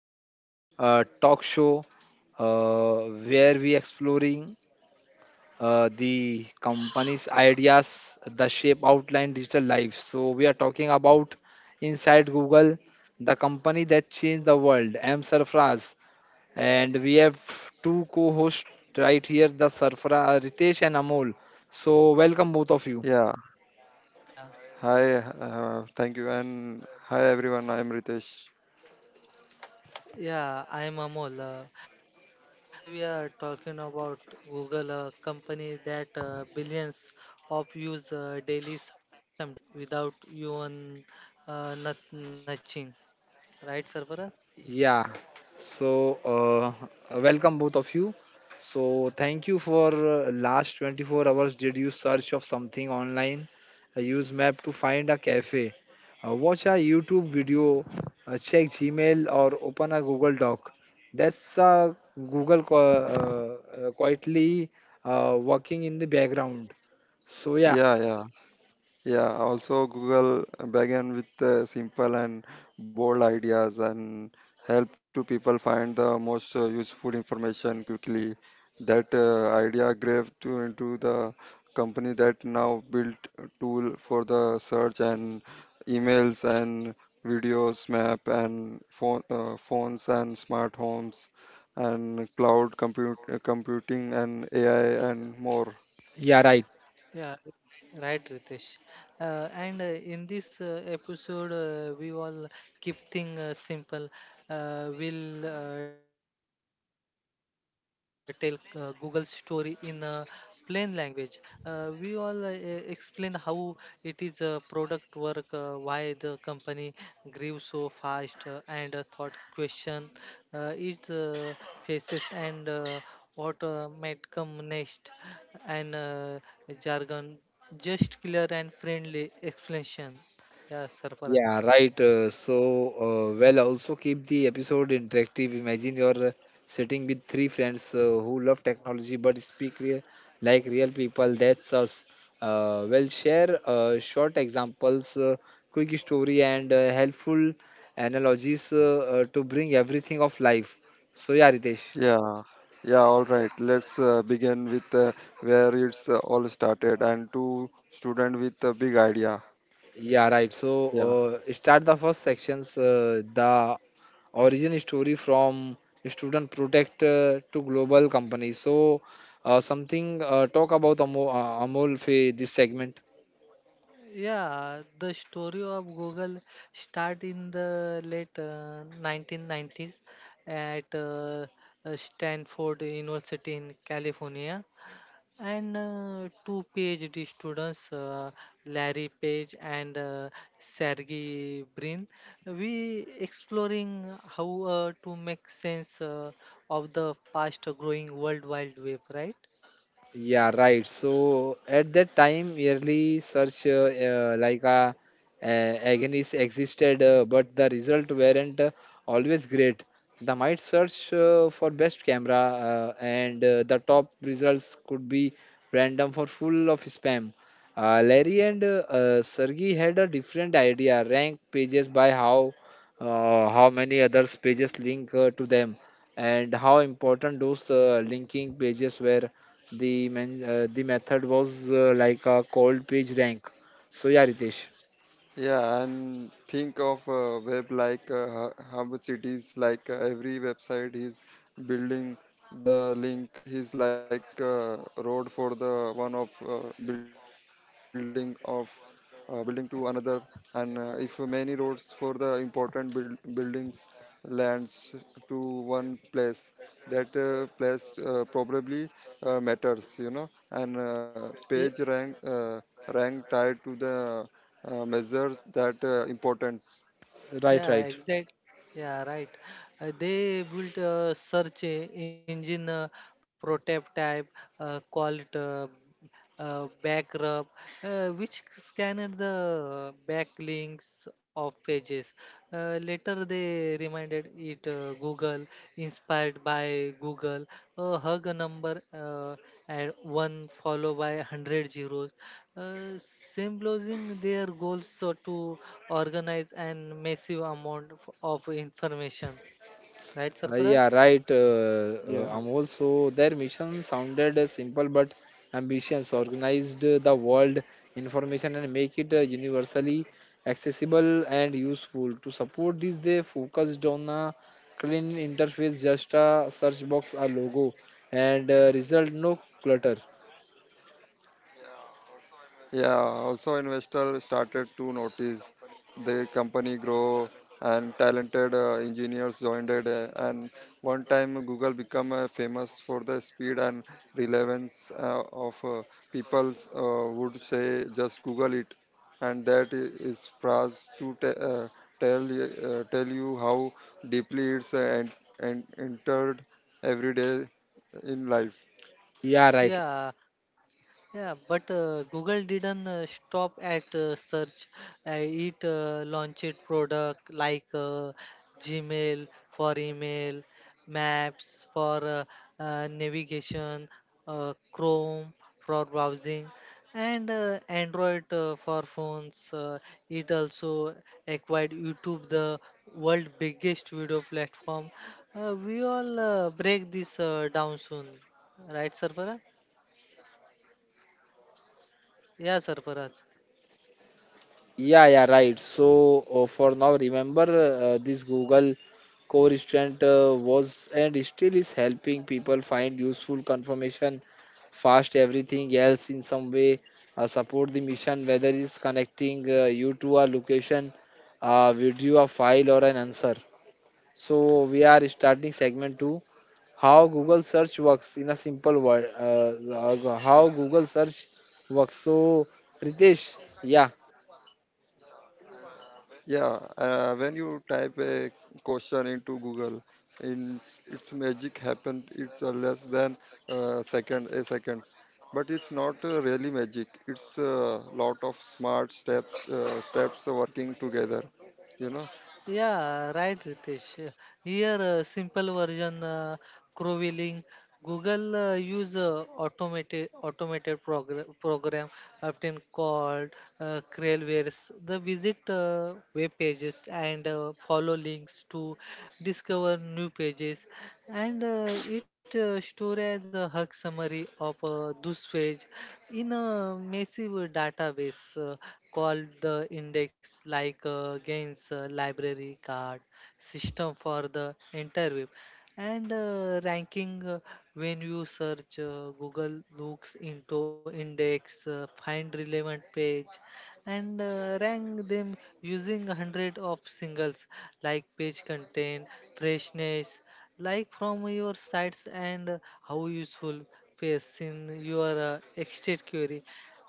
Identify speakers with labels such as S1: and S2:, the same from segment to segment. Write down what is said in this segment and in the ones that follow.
S1: to talk show uh, where we exploring the company's ideas, the shape outline digital life. So we are talking about inside Google, the company that changed the world. I'm Sarfraz, and we have two co-hosts right here, the Sarfraz Ritesh and Amol. So welcome both of you.
S2: Yeah.
S3: Yeah,
S2: Hi. Thank you. And hi, everyone. I am Ritesh.
S3: yeah, I'm Amol. Today we are talking about Google, a company that billions of use daily, sometimes without even nudging. Right, Sarfaraz?
S1: Yeah. So, welcome both of you. So, thank you for last 24 hours. Did you search of something online? Use map to find a cafe. Watch a YouTube video, check Gmail or open a Google Doc. That's Google quietly working in the background. So, yeah,
S2: Yeah. Yeah. Yeah, also Google began with simple and bold ideas and help to people find the most useful information quickly. That idea grew to into the company that now built a tool for the search and emails and videos, map and phones and smart homes and cloud computing and AI and more.
S1: yeah, right.
S3: Yeah, right, Ritesh. And in this episode, we all keep thing simple. We'll tell Google story in plain language. We all explain how it is a product work, why the company grew so fast, and thought question it faces and what might come next, and jargon just clear and friendly explanation. Yeah, Sarfara.
S1: Yeah, right. Well, also keep the episode interactive. Imagine you're sitting with three friends who love technology but speak like real people. That's us. Well, share short examples, quick story, and helpful analogies to bring everything of life. So, yeah, Ritesh.
S2: Yeah, yeah, all right. Let's begin with where it's all started and to student with a big idea.
S1: Yeah, right. So,
S2: Yeah.
S1: start the first sections, the origin story from student protect to global companies. So, something talk about Amol, Amol Fe this segment.
S3: Yeah, the story of Google start in the late 1990s at Stanford University in California. And two PhD students, Larry Page and Sergey Brin, we exploring how to make sense of the fast-growing World Wide Web, right?
S1: Yeah, right. So at that time, yearly search like agonies existed, but the result weren't always great. The might search for best camera, and the top results could be random for full of spam. Larry and Sergey had a different idea: rank pages by how many others pages link to them, and how important those linking pages were the men, the method was like a cold page rank. So yeah, Ritesh,
S2: Yeah, and think of web like hub cities, like every website is building the link is like a road for the one of building to another, and if many roads for the important buildings lands to one place, that place probably matters, you know, and uh,
S3: Ye-
S2: page rank uh, rank tied to the measures that importance.
S1: right,
S3: Yeah,
S1: right.
S3: exact. Yeah, right. They built a search engine, prototype, type, call it. Back rub, which scanned the backlinks of pages. Later, they reminded it Google, inspired by Google, a hug number at one followed by 100 zeros, symbolizing their goals so to organize and massive amount of information. Right, Sarparat?
S1: Yeah, right,
S2: Yeah,
S1: Amol. So their mission sounded simple but ambitious. Organized the world information and make it universally accessible and useful. To support this, they focused on a clean interface, just a search box, a logo, and result no clutter.
S2: yeah, also investor started to notice the company grow and talented engineers joined it and one time Google become famous for the speed and relevance of people would say just Google it and that is phrase to tell you how deeply it's and entered every day in life.
S1: Yeah, right.
S3: Yeah, yeah, but Google didn't stop at search. Uh, it launched product like Gmail for email, Maps for navigation, Chrome for browsing, and Android for phones. It also acquired YouTube, the world biggest video platform. We all break this down soon, right, Sarfaraz? Yeah, Sarfaraz.
S1: Yeah, yeah, right. So for now, remember this Google Core restant was and still is helping people find useful confirmation fast everything else in some way support the mission, whether it's connecting you to a location, a video, a file, or an answer. So we are starting segment 2, how Google search works in a simple word, how Google search works. So Ritesh, yeah.
S2: Yeah, when you type a question into Google, in its magic happens. It's less than second a seconds, but it's not really magic. It's a lot of smart steps working together. You know.
S3: Yeah, right, Ritesh. Here, simple version, Crowilling. Google use automated program often called Crailwares. The visit web pages and follow links to discover new pages, and it store as a hug summary of this page in a massive database. Called the index like gains library card system for the entire web and ranking when you search google looks into index find relevant page and rank them using 100 of singles like page content freshness like from your sites and how useful pace in your exit query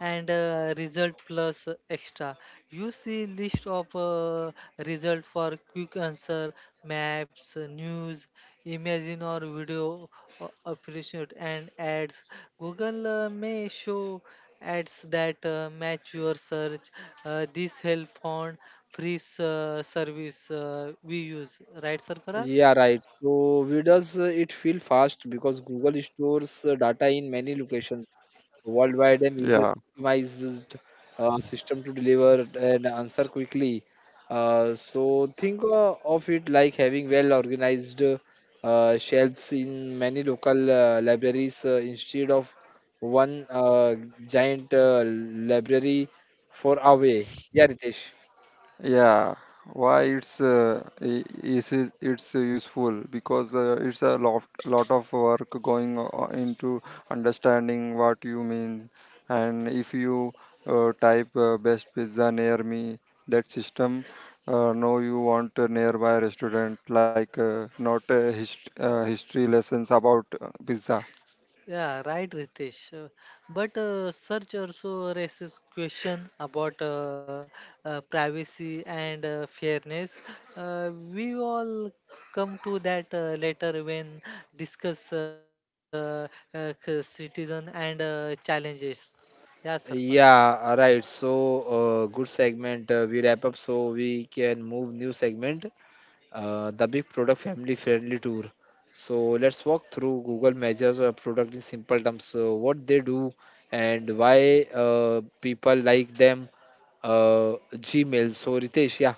S3: and result plus extra you see list of result for quick answer maps news imagine or video appreciate and ads google may show ads that match your search this help on free service we use right sir.
S1: Yeah, right. So we does it feel fast because Google stores data in many locations worldwide and uses
S2: Yeah,
S1: optimized system to deliver an answer quickly. So think of it like having well organized shelves in many local libraries instead of one giant library for away. Yeah, Ritesh.
S2: yeah, why it's I- is- it's useful because it's a lot of work going into understanding what you mean, and if you type best pizza near me, that system know you want a nearby restaurant like not a history lessons about pizza.
S3: Yeah, right, Ritesh. But search also raises question about privacy and fairness. Uh, we all come to that later when discuss citizen and challenges. Yeah, sir.
S1: Yeah, right. So, good segment. We wrap up so we can move new segment. The big product family friendly tour. So let's walk through Google measures a product in simple terms. So what they do and why people like them. Gmail. So Ritesh, yeah.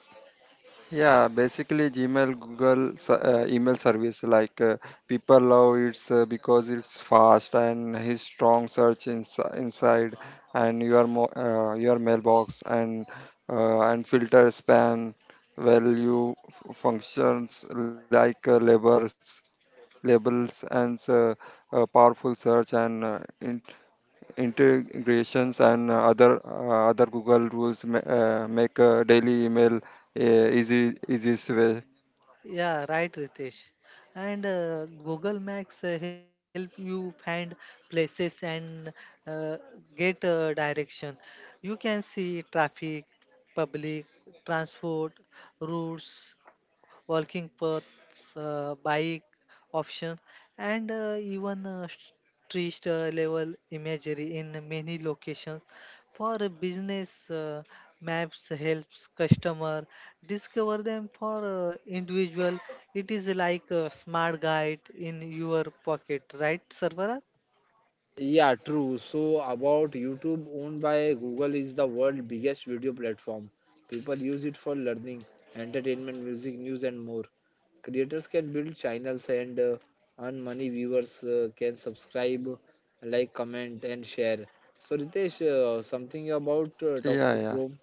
S2: Yeah, basically Gmail, Google email service like people love it's because it's fast and his strong search inside and your your mailbox and and filter spam value functions like labels and powerful search and integrations and other other Google rules make daily email easy easiest way.
S3: Yeah, right, Ritesh. And Google Maps help you find places and uh, get direction. You can see traffic, public transport, routes, walking paths, bike options, and even street level imagery in many locations. For a business, maps helps customer discover them. For individual, it is like a smart guide in your pocket, right, Sarvara?
S1: Yeah, true. So about YouTube owned by Google is the world biggest video platform. People use it for learning, entertainment, music, news and more. Creators can build channels and earn money, viewers can subscribe, like, comment and share. So Ritesh, something about talk to
S2: Yeah,
S1: Chrome.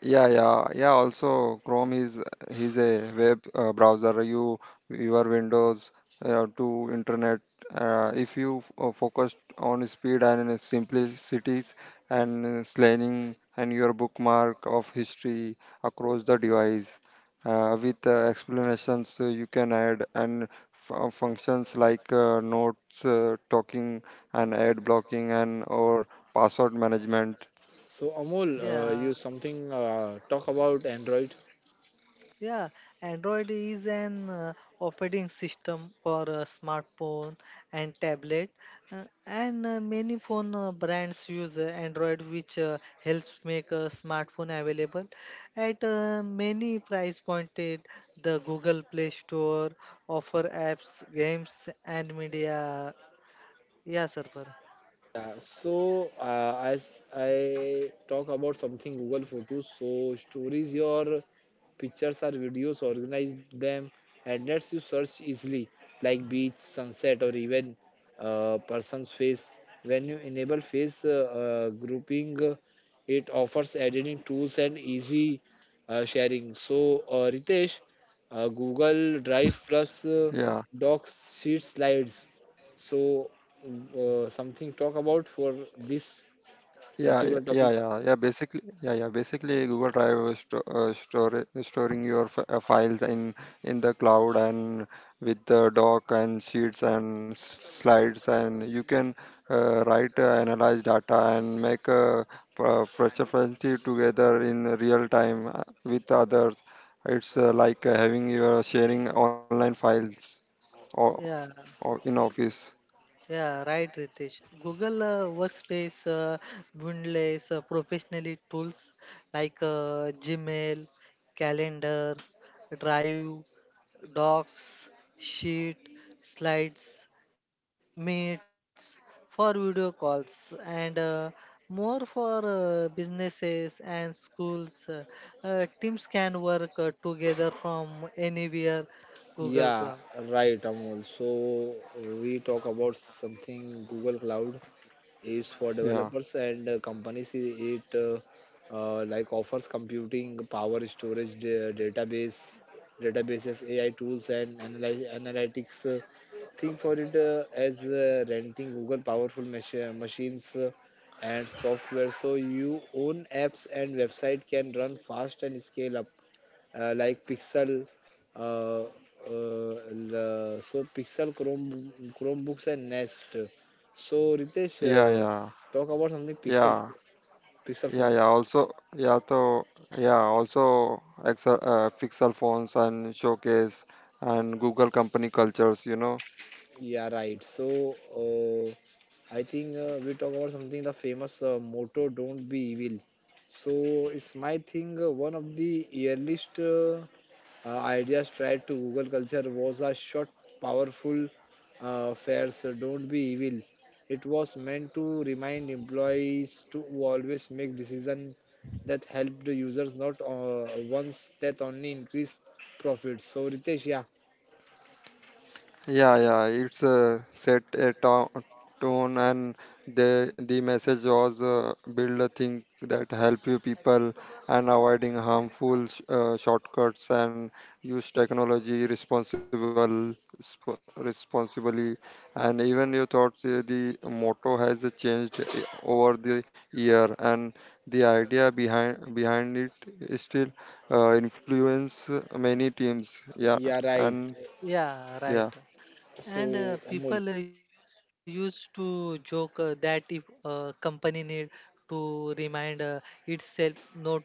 S2: yeah, yeah, yeah. Also, Chrome is a web browser. You your Windows to internet. If you focused on speed and simplicities and slaying and your bookmark of history across the device, with explanations you can add and functions like notes, talking, and ad blocking, and or password management.
S1: So Amol,
S3: Yeah.
S1: you something talk about Android.
S3: Yeah, Android is an operating system for a smartphone and tablet, and many phone brands use Android, which helps make a smartphone available at many price pointed. The Google Play Store offer apps, games, and media. Yeah, server.
S1: Yeah, so as I talk about something Google Photos, so stories your pictures or videos, organize them, and lets you search easily, like beach, sunset, or even person's face. When you enable face grouping, it offers editing tools and easy sharing. So, Ritesh, Google Drive plus
S2: Yeah.
S1: Docs sheet slides. So, something talk about for this
S2: Yeah, yeah, yeah,
S1: particular topic?
S2: yeah, yeah, basically, yeah, yeah. Basically, Google Drive is storing your f files in the cloud and with the doc and sheets and slides, and you can write, analyze data, and make a proficiency together in real time with others. It's like having your sharing online files or
S3: Yeah.
S2: or in office.
S3: Yeah, right, Ritesh. Google Workspace bundles professionally tools like Gmail, Calendar, Drive, Docs, Sheet, Slides, Meets for video calls and more for businesses and schools. Teams can work together from anywhere Google
S1: Yeah,
S3: Cloud.
S1: right, Amol. So we talk about something Google Cloud is for
S2: Yeah,
S1: developers and companies. It like offers computing power, storage, database, databases, AI tools, and analytics. Think for it as renting Google powerful machines and software, so you own apps and website can run fast and scale up, like Pixel. Uh, uh, so Pixel, Chrome, Chromebooks, and Nest. So Ritesh,
S2: yeah, yeah,
S1: talk about something Pixel,
S2: yeah.
S1: Pixel
S2: Yeah, yeah.
S1: phones.
S2: Also, yeah. So, yeah. Also, Pixel phones and showcase and Google company cultures. You know.
S1: Yeah, right. So I think we talk about something the famous motto "Don't be evil." So it's my thing. One of the earliest ideas tried to Google culture was a short, powerful phrase "Don't be evil." It was meant to remind employees to always make decisions that help the users, not ones that only increase profits. So Ritesh, yeah,
S2: Yeah, yeah, it's set a tone, and the message was build a thing that help you people and avoiding harmful shortcuts and use technology responsibly. And even your thoughts, the motto has changed over the year, and the idea behind it is still influence many teams. Yeah,
S1: yeah, right.
S2: and
S3: Yeah,
S2: yeah.
S3: right.
S1: So
S3: And
S1: Amol,
S3: people used to joke that if a company need to remind itself not to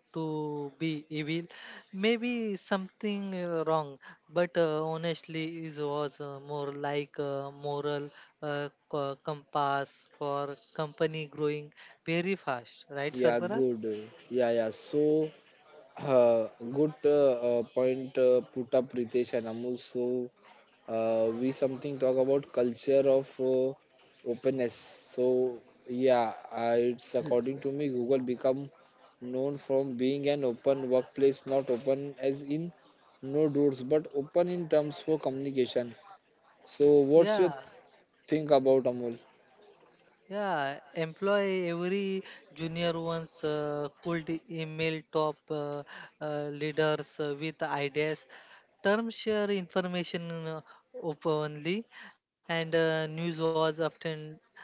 S3: be evil, maybe something wrong. But honestly, it was more like a moral compass for company growing very fast, right,
S1: yeah,
S3: Sarfara?
S1: good. Yeah, yeah. So good point put up Ritesh and Amul. So we something talk about culture of openness. So yeah, it's according to me Google become known from being an open workplace, not open as in no doors, but open in terms for communication. So what's your
S3: Yeah.
S1: think about Amul?
S3: Yeah, employ every junior ones could email top leaders with ideas, term share information openly, and news was often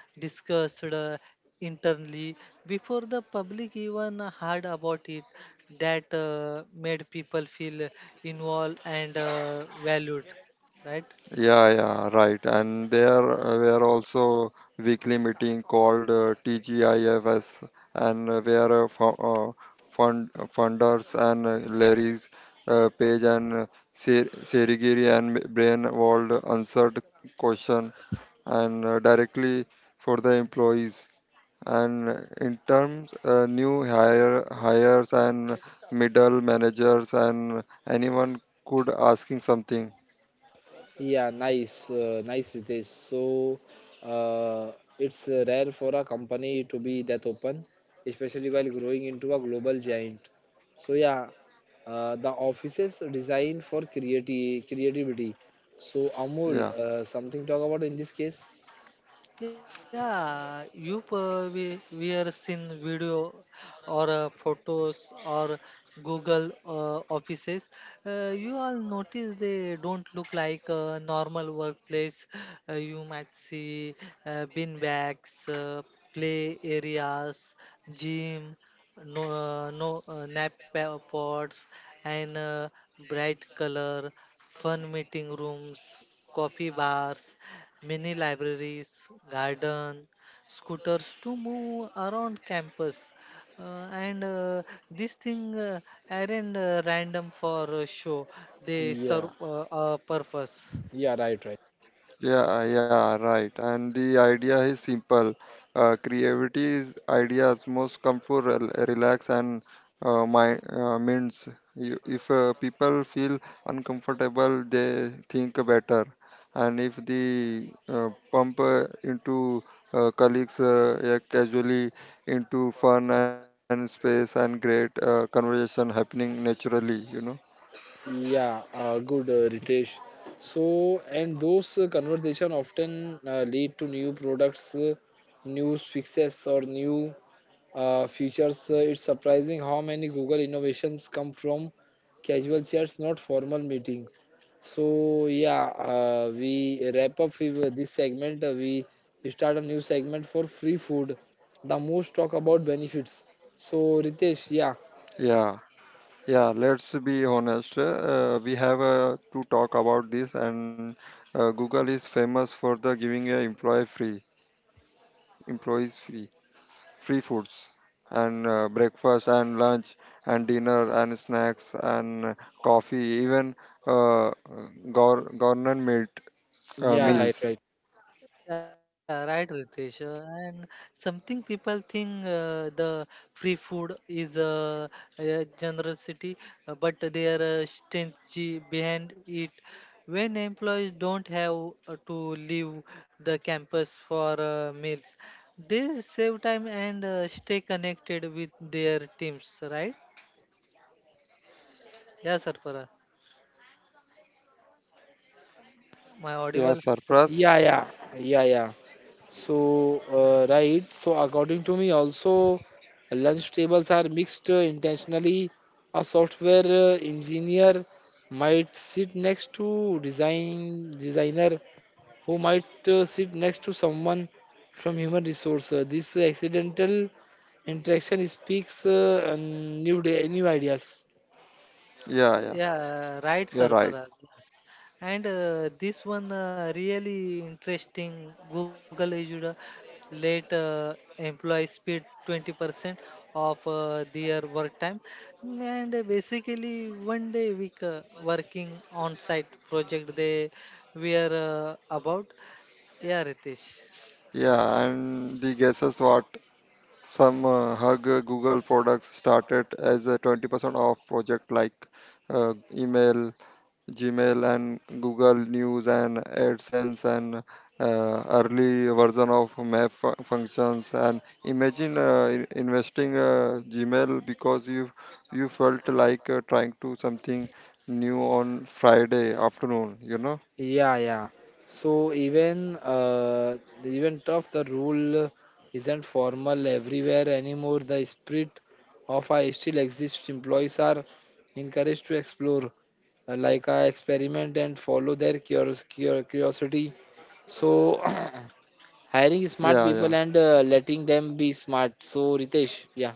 S3: discussed internally before the public even heard about it. That made people feel involved and valued, right?
S2: Yeah, yeah, right. And there were also weekly meeting called TGIFS, and where funders and Larry's Page and Serigiri and Brainwald answered question and directly for the employees. And in terms new hires and middle managers and anyone could asking something.
S1: Yeah, nice, nice Ritesh. So, uh, it's rare for a company to be that open, especially while growing into a global giant. So yeah, the offices designed for creativity. So Amul,
S2: Yeah.
S1: something talk about in this case?
S3: Yeah, you, we are seen video or photos or Google offices. You all notice they don't look like a normal workplace. You might see bin bags, play areas, gym, no nap pods, and bright color, fun meeting rooms, coffee bars mini libraries, garden, scooters to move around campus. And This thing aren't random for a show. They
S1: Yeah,
S3: serve a purpose.
S1: yeah, right, right.
S2: Yeah, yeah, right. And the idea is simple. Creativity ideas most come for relax and my minds. You, if people feel uncomfortable, they think better. And if the pump into colleagues yeah, casually into fun and space and great conversation happening naturally, you know.
S1: Yeah, good, Ritesh. So, and those conversation often lead to new products, new fixes, or new features. It's surprising how many Google innovations come from casual chats, not formal meeting. So yeah, we wrap up with this segment. We start a new segment for free food. The most talk about benefits. So Ritesh, yeah,
S2: Yeah. Yeah, let's be honest. We have to talk about this, and Google is famous for the giving employees free foods and breakfast and lunch and dinner and snacks and coffee, even uh, government
S1: yeah,
S3: Yeah,
S1: right,
S2: meals.
S1: right,
S3: yeah, right, Ritesh. And something people think the free food is a generosity, but there are strength behind it. When employees don't have to leave the campus for meals, they save time and stay connected with their teams, right? Yeah, Sarfara. My
S2: Yeah,
S3: audible.
S2: surplus.
S1: yeah, yeah, yeah, yeah. So, right. So, according to me, also lunch tables are mixed intentionally. A software engineer might sit next to designer who might sit next to someone from human resource. This accidental interaction speaks new day, new ideas.
S2: Yeah, yeah,
S3: Yeah, right,
S2: you're right.
S3: Sarfara. And this one really interesting. Google issued a late employee speed 20% of their work time, mm, and basically one day week working on site project they were about. Yeah, Ritesh.
S2: Yeah, and the guesses what? Some hug Google products started as a 20% off project like email, Gmail, and Google News and AdSense and early version of map functions. And imagine investing Gmail because you felt like trying to something new on Friday afternoon. You know.
S1: Yeah, yeah. So even even tough the rule isn't formal everywhere anymore. The spirit of I still exists. Employees are encouraged to explore, like I experiment and follow their curiosity. So hiring smart people and letting them be smart. So Ritesh, yeah.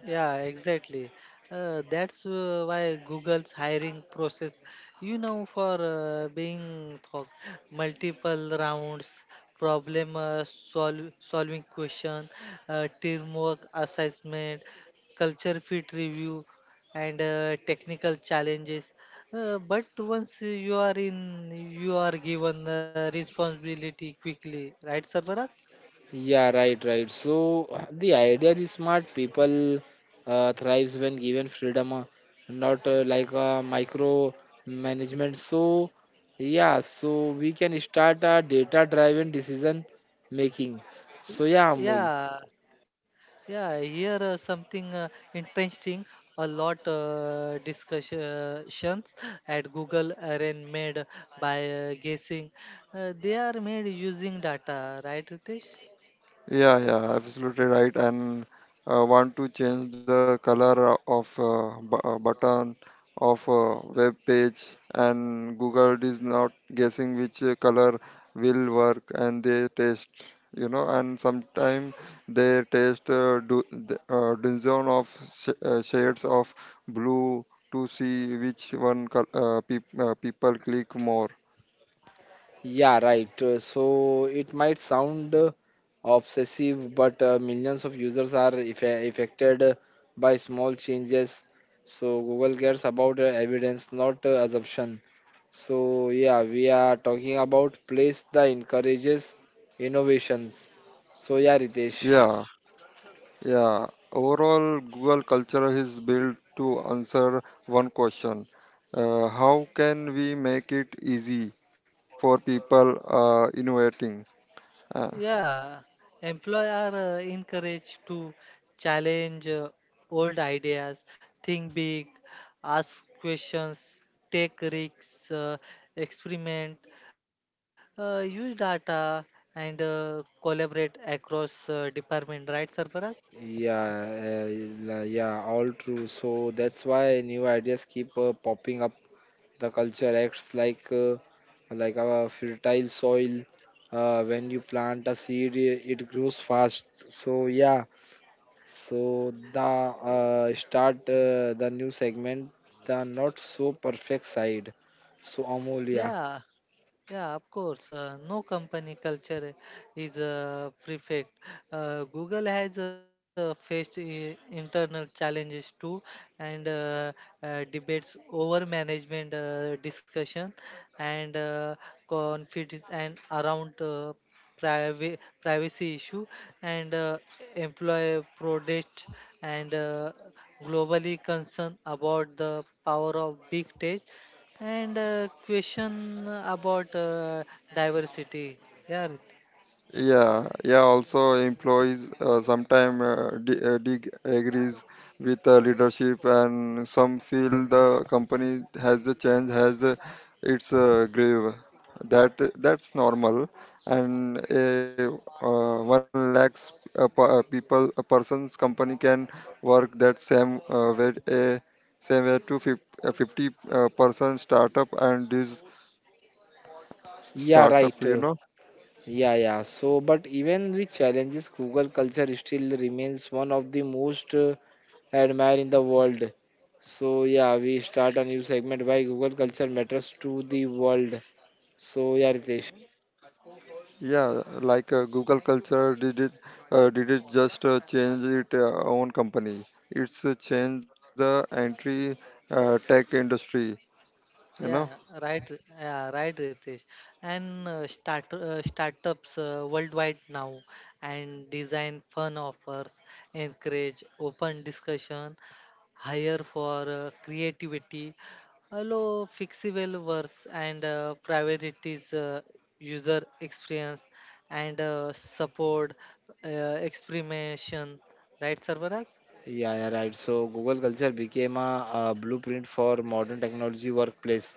S3: Yeah, exactly. That's why Google's hiring process, you know, for being thought multiple rounds, problem solving question, teamwork assessment, culture fit review, and technical challenges. But once you are in, you are given responsibility quickly, right, Sarvaraj?
S1: Yeah, right, right. So the idea is smart people thrives when given freedom, not like micro management. So yeah, so we can start a data-driven decision making. So yeah, Amul.
S3: Yeah, yeah, here something interesting. A lot discussions at Google Arena made by guessing. They are made using data, right, Ritesh?
S1: Yeah, right. So it might sound obsessive, but millions of users are affected by small changes. So Google cares about evidence, not assumption. So yeah, we are talking about place that encourages innovations. So yeah, Ritesh.
S3: Yeah, employees are encouraged to challenge old ideas, think big, ask questions, take risks, experiment, use data, and collaborate across department. Right, Sarfaraz?
S1: Yeah, uh, yeah, all true. So that's why new ideas keep popping up. The culture acts like a fertile soil. When you plant a seed, it grows fast. So yeah, so the start the new segment, the not so perfect side. So Amol, yeah.
S3: Yeah. Yeah, of course. No company culture is perfect. Google has faced internal challenges too, and debates over management discussion and conflicts and around privacy issue and employee protest and globally concern about the power of big tech and question about diversity. Yeah, Rit-
S1: Yeah, right. Yeah, yeah. So, but even with challenges, Google culture still remains one of the most admired in the world. So, yeah, we start a new segment why Google culture matters to the world. So, yeah, Ritesh.
S3: yeah, Yeah, right, Ritesh. And startups worldwide now, and design fun offers, encourage open discussion, hire for creativity, allow fixable works and priorities user experience and support experimentation. Right, Sarvaraj?
S1: Yeah, yeah, right. So Google Culture became a, blueprint for modern technology workplace,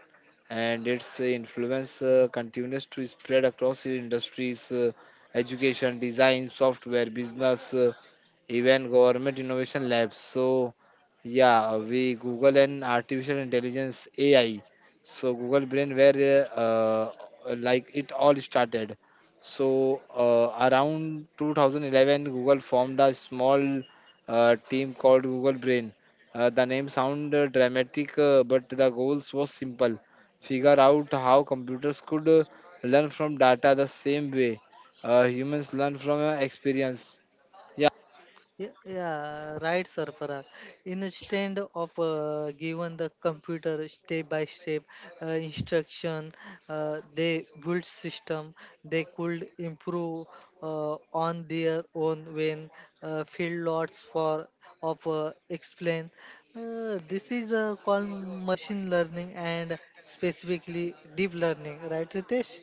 S1: and its influence continues to spread across industries, education, design, software, business, even government innovation labs. So yeah, we Google and artificial intelligence AI. So Google Brain where like it all started. So around 2011, Google formed a small team called Google Brain. The name sound dramatic, but the goals was simple: figure out how computers could learn from data the same way humans learn from experience.
S3: Yeah, yeah, right, Sarfaraz. Instead of given the computer step by step instruction, they built system they could improve on their own when field lots for of explain. This is called machine learning and specifically deep learning, right, Ritesh?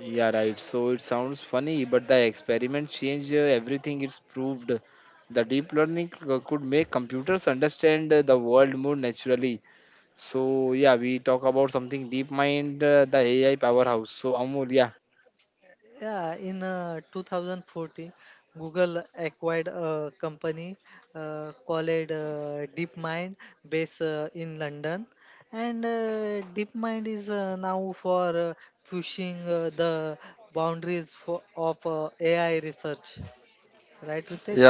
S1: Yeah, right. So it sounds funny, but the experiment changed everything. It's proved the deep learning could make computers understand the world more naturally. So yeah, we talk about something deep mind, the AI powerhouse. So Amol, yeah,
S3: Yeah, in 2014, Google acquired a company called DeepMind, based in London, and DeepMind is now for pushing the boundaries for, of AI research. Right, Ritesh?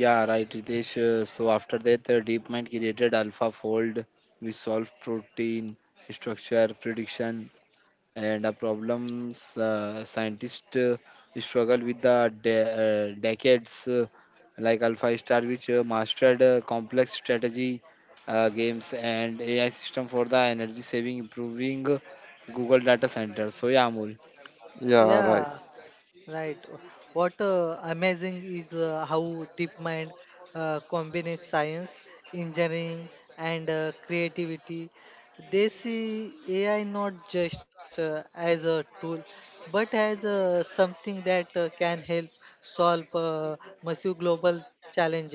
S1: yeah, right, Ritesh. So after that, deep created AlphaFold. We solve protein structure prediction and problems scientists struggle with the decades like alpha star which mastered complex strategy games and AI system for the energy saving improving Google data center. So yeah, Amul,
S3: Yeah. Right. What amazing is how DeepMind combines science, engineering, and creativity. They see AI not just as a tool, but as something that can help solve massive global challenges.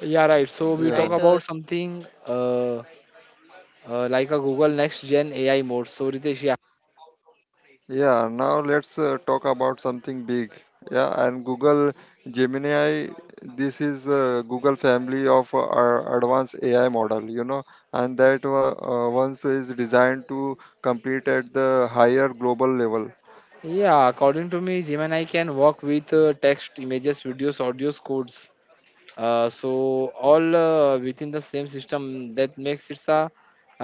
S1: yeah, right. So we talk
S3: Writers.
S1: about something like a Google next gen AI mode. So Ritesh, yeah, yeah, according to me Gemini can work with text, images, videos, audios, codes. So all within the same system that makes it a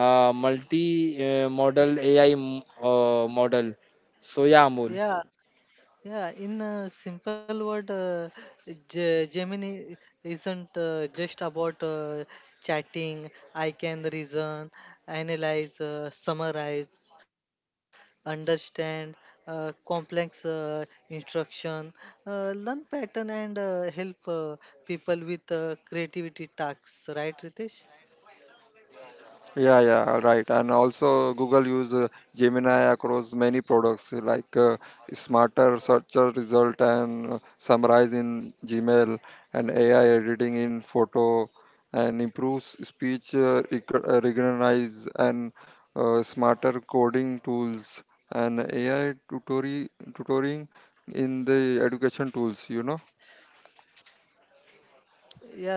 S1: multi model AI model. So yeah, Amol.
S3: Yeah. Yeah, in a simple word, Gemini isn't just about chatting. I can reason, analyze, summarize, understand complex instruction, learn pattern, and help people with creativity tasks. Right, Ritesh?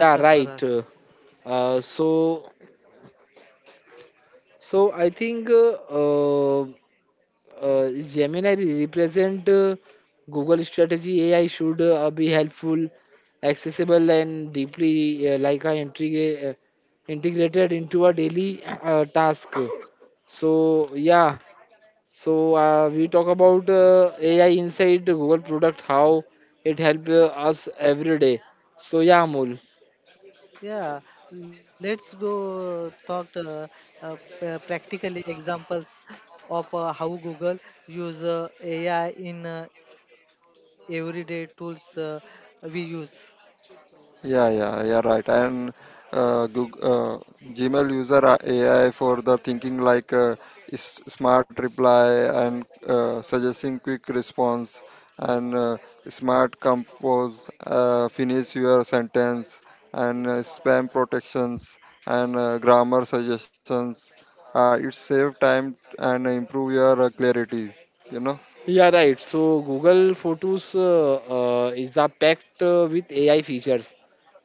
S1: Yeah,
S3: Yeah,
S1: right.
S3: Sarfaraz.
S1: Uh, so so I think Gemini represent Google strategy AI should be helpful, accessible, and deeply like I integrate. Integrated into a daily task so yeah So we talk about AI inside the Google product, how it help us every day. So yeah, Amol,
S3: Yeah, let's go talk practically examples of how Google use AI in everyday tools we use.
S1: yeah, right. So Google Photos is a packed with AI features.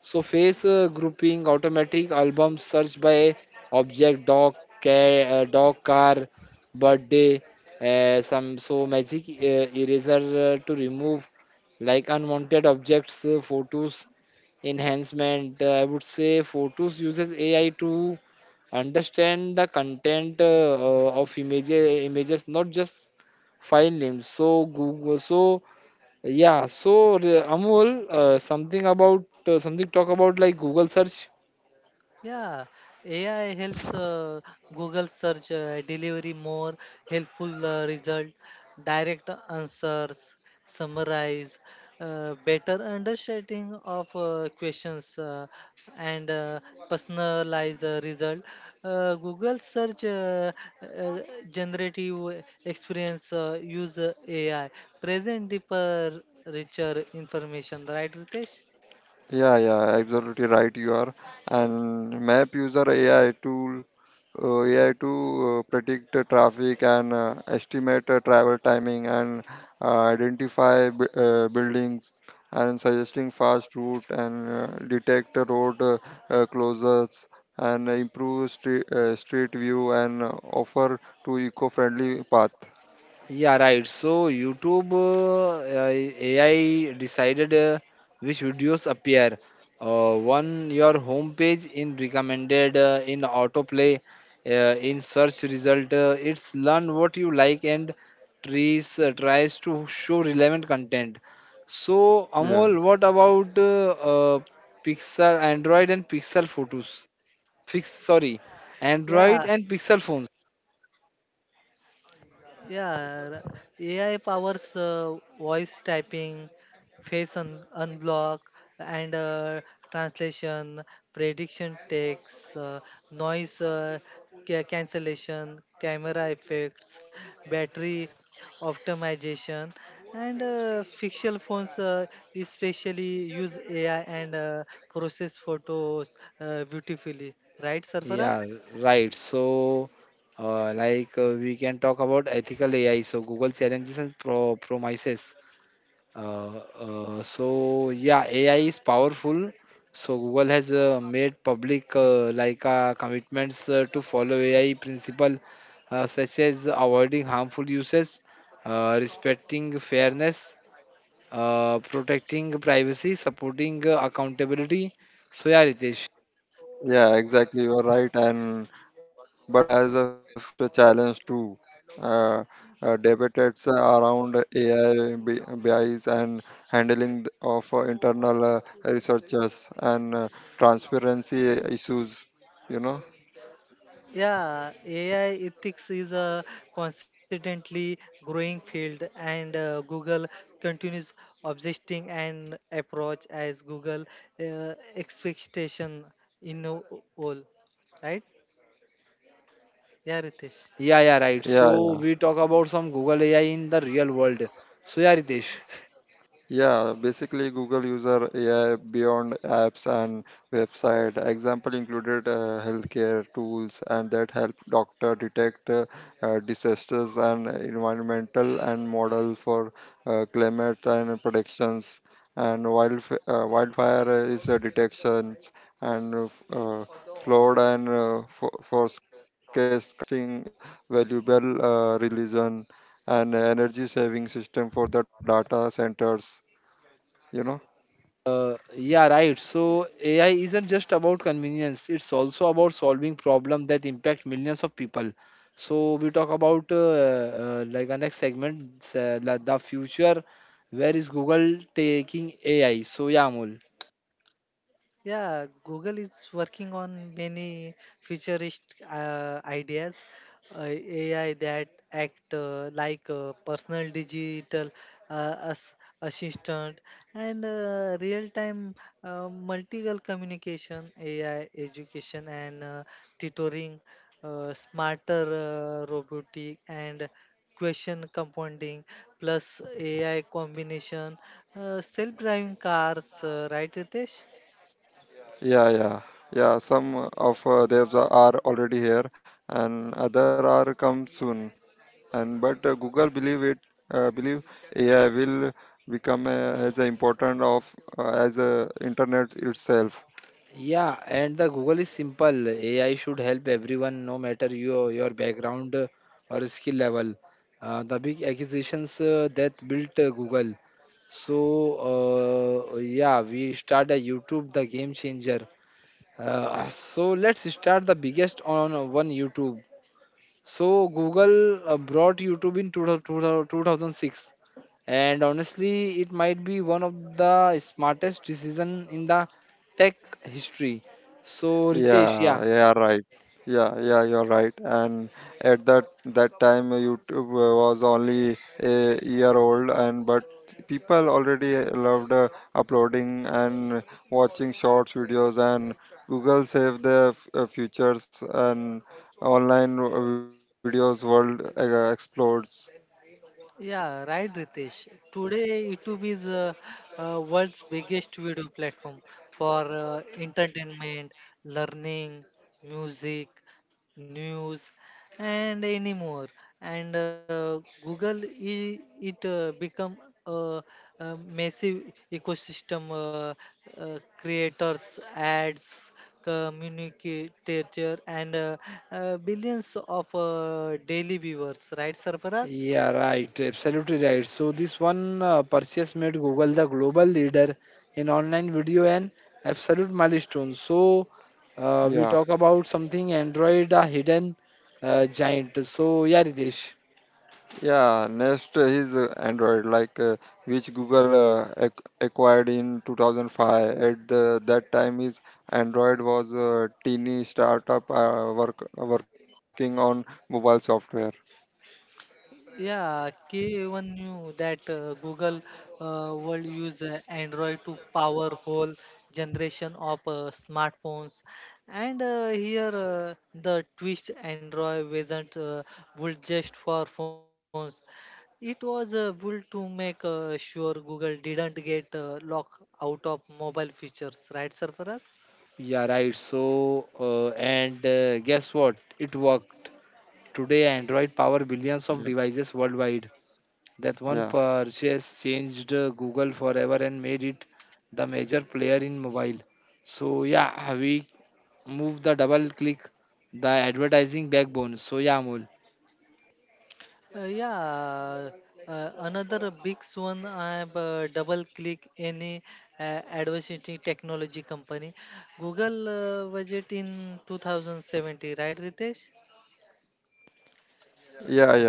S1: So face grouping, automatic album search by object, dog, cat, dog, car, birthday, some magic eraser to remove like unwanted objects, photos enhancement. I would say Photos uses AI to understand the content of images, not just file names. So Google, so yeah, so Amol, something talk about like Google search.
S3: Yeah, AI helps Google search delivery more helpful result, direct answers, summarize, better understanding of questions, and personalized result. Google search uh, generative experience use AI present deeper, richer information. Right, Ritesh?
S1: Yeah, right. So YouTube AI decided which videos appear uh, on your homepage in recommended, in autoplay, uh, in search result. It's learn what you like and tries to show relevant content. So Amol, what about uh, Pixel Android and Pixel photos? Fix sorry,
S3: Yeah.
S1: Android and Pixel phones.
S3: Yeah, AI powers voice typing, face unblock, and translation, prediction text, noise cancellation, camera effects, battery optimization, and fictional phones especially use AI and process photos beautifully. Right, Sarfaraz?
S1: Yeah, right. So, we can talk about ethical AI. So, Google challenges and promises. Yeah, AI is powerful. So, Google has made public commitments to follow AI principle, such as avoiding harmful uses, respecting fairness, protecting privacy, supporting accountability. So, yeah, Ritesh.
S3: Yeah, AI ethics is a constantly growing field, and Google continues obsessing and approach as Google expectation in all, right? Yeah, Ritesh.
S1: Yeah, right. So we talk about some Google AI in the real world. So yeah, Ritesh. Yeah, right. So AI isn't just about convenience; it's also about solving problems that impact millions of people. So we talk about our next segment, like the future. Where is Google taking AI? So yeah, Amol.
S3: Yeah, Google is working on many futurist ideas, AI that act like personal digital as assistant and real-time multiple communication, AI education and tutoring, smarter robotic and question compounding plus AI combination, self-driving cars, right, Ritesh?
S1: Yeah, and the Google is simple. AI should help everyone, no matter your background or skill level. The big acquisitions that built Google. So yeah, we start a YouTube, the game changer. So let's start the biggest on one YouTube. So Google brought YouTube in 2000 2006, and honestly, it might be one of the smartest decision in the tech history. So Ritesh, yeah,
S3: Yeah, right, Ritesh. Today, YouTube is world's biggest video platform for entertainment, learning, music, news, and any more. And Google, it become a, a massive ecosystem. Creators, ads, communicator, and billions of daily viewers. Right, Sarfaraz?
S1: yeah, right, absolutely right. So this one purchase made Google the global leader in online video and absolute milestone. So we talk about something Android, a hidden giant. So yeah, Ritesh.
S3: Yeah, K even knew that Google will use Android to power whole generation of smartphones. And here the twist Android wasn't built just for phones. It was built to make sure Google didn't get locked out of mobile features, right, Sarfaraz?
S1: Yeah, right. So, and guess what? It worked. Today, Android power billions of devices worldwide. That one purchase changed Google forever and made it the major player in mobile. So, yeah, we move the double click, the advertising backbone. So, yeah, Amol.
S3: Yeah, another big one. I have double click any adversity technology company. Google budget in 2070, right, Ritesh? Uh,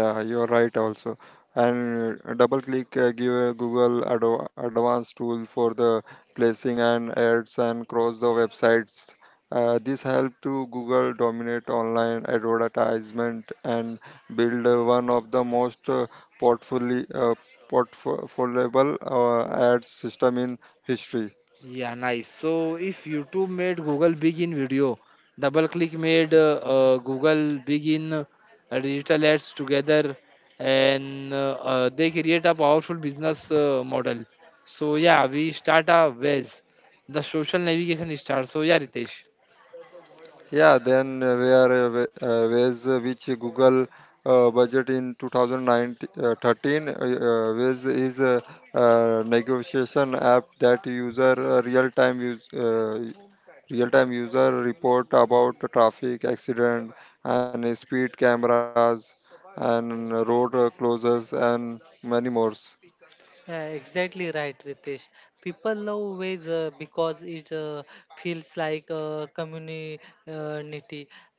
S1: Yeah, nice. So if YouTube made Google big in video, double click made Google big in digital ads together, and they create a powerful business model. So yeah, we start a ways. The social navigation starts. So yeah, Ritesh.
S3: Yeah, exactly right, Ritesh. People love ways because it feels like community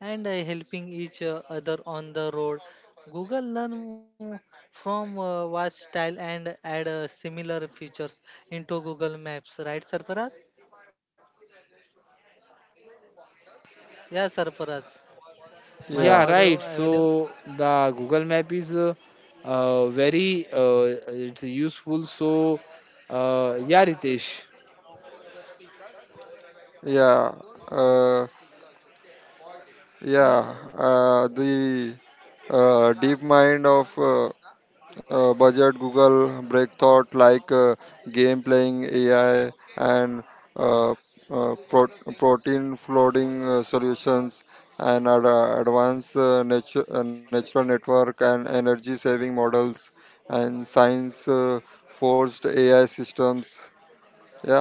S3: and helping each other on the road. Google learn from watch style and add similar features into Google Maps, right, Sarfaraz? Yeah, Sarfaraz. My
S1: Yeah,
S3: audio
S1: right.
S3: available.
S1: So the Google Map is very it's useful. So yeah, Ritesh.
S3: Uh,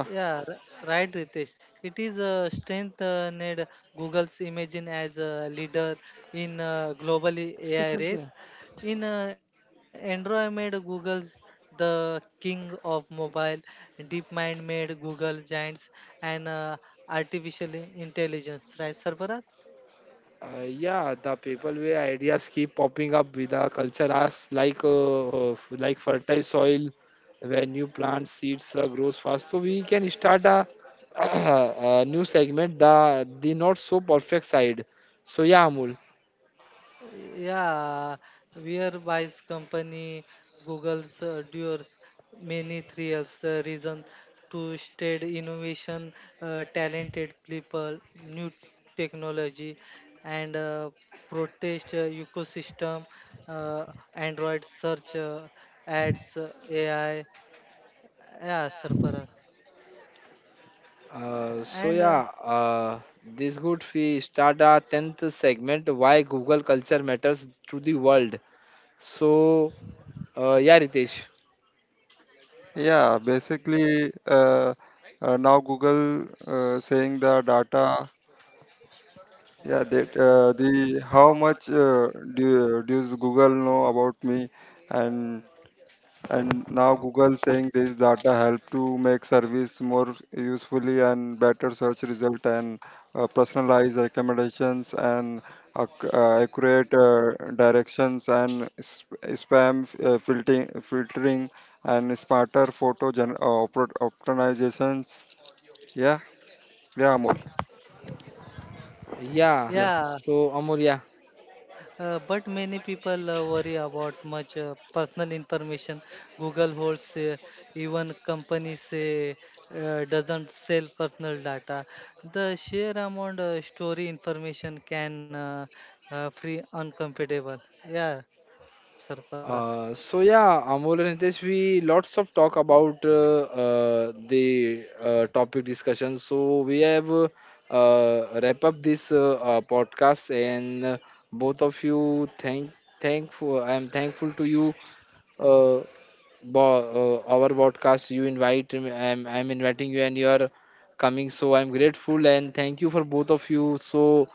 S3: Yeah, right, Ritesh. It is a strength need Google's imaging as a leader in global AI
S1: Special.
S3: race. In Android made Google's the king of mobile. DeepMind made Google giants and artificial intelligence, right, Sarfraz?
S1: Yeah, the people way ideas keep popping up with the culture as like fertile soil where new plant seeds grows fast. So we can start a, a new segment, the not so perfect side. So yeah, Amul.
S3: Yeah, whereby's company, Google's doers many thrills reason to state innovation, talented people, new technology, and protest ecosystem, uh, Android search, ads, AI, yeah, surfer,
S1: Uh, so
S3: and
S1: yeah,
S3: uh,
S1: uh, this good we start our tenth segment. Why Google culture matters to the world. So yeah, Ritesh. Yeah.
S3: yeah.
S1: So Amur, yeah.
S3: But many people worry about much personal information Google holds, even companies say doesn't sell personal data. The sheer amount of story information can free uncomfortable. Yeah, Sarfaraz.
S1: So yeah, Amol and Hitesh, we lots of talk about the topic discussion. So we have wrap up this podcast, and both of you thankful. I am thankful to you. Uh, our podcast. You invite him. I'm inviting you, and you are coming. So I'm grateful and thank you for both of you. So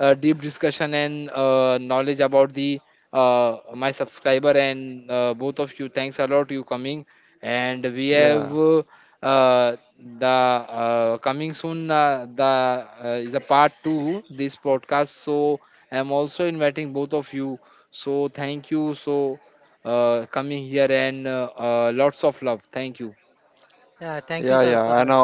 S1: deep discussion and knowledge about the my subscriber and both of you. Thanks a lot you coming. And we have uh, the coming soon. The is a part two this podcast. So I'm also inviting both of you. So thank you. So coming here and lots of love. Thank you.
S3: Yeah, thank you, Sarfaraz.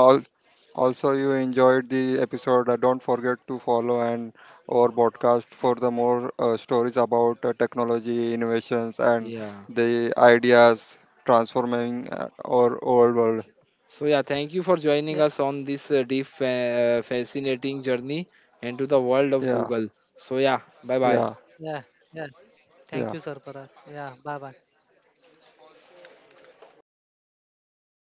S1: Yeah. So yeah, thank you for
S3: Yeah,
S1: joining us on this deep, fascinating journey into the world of Google. So yeah, bye bye.
S3: yeah, yeah. Thank you, Sarfaraz. Yeah, bye bye.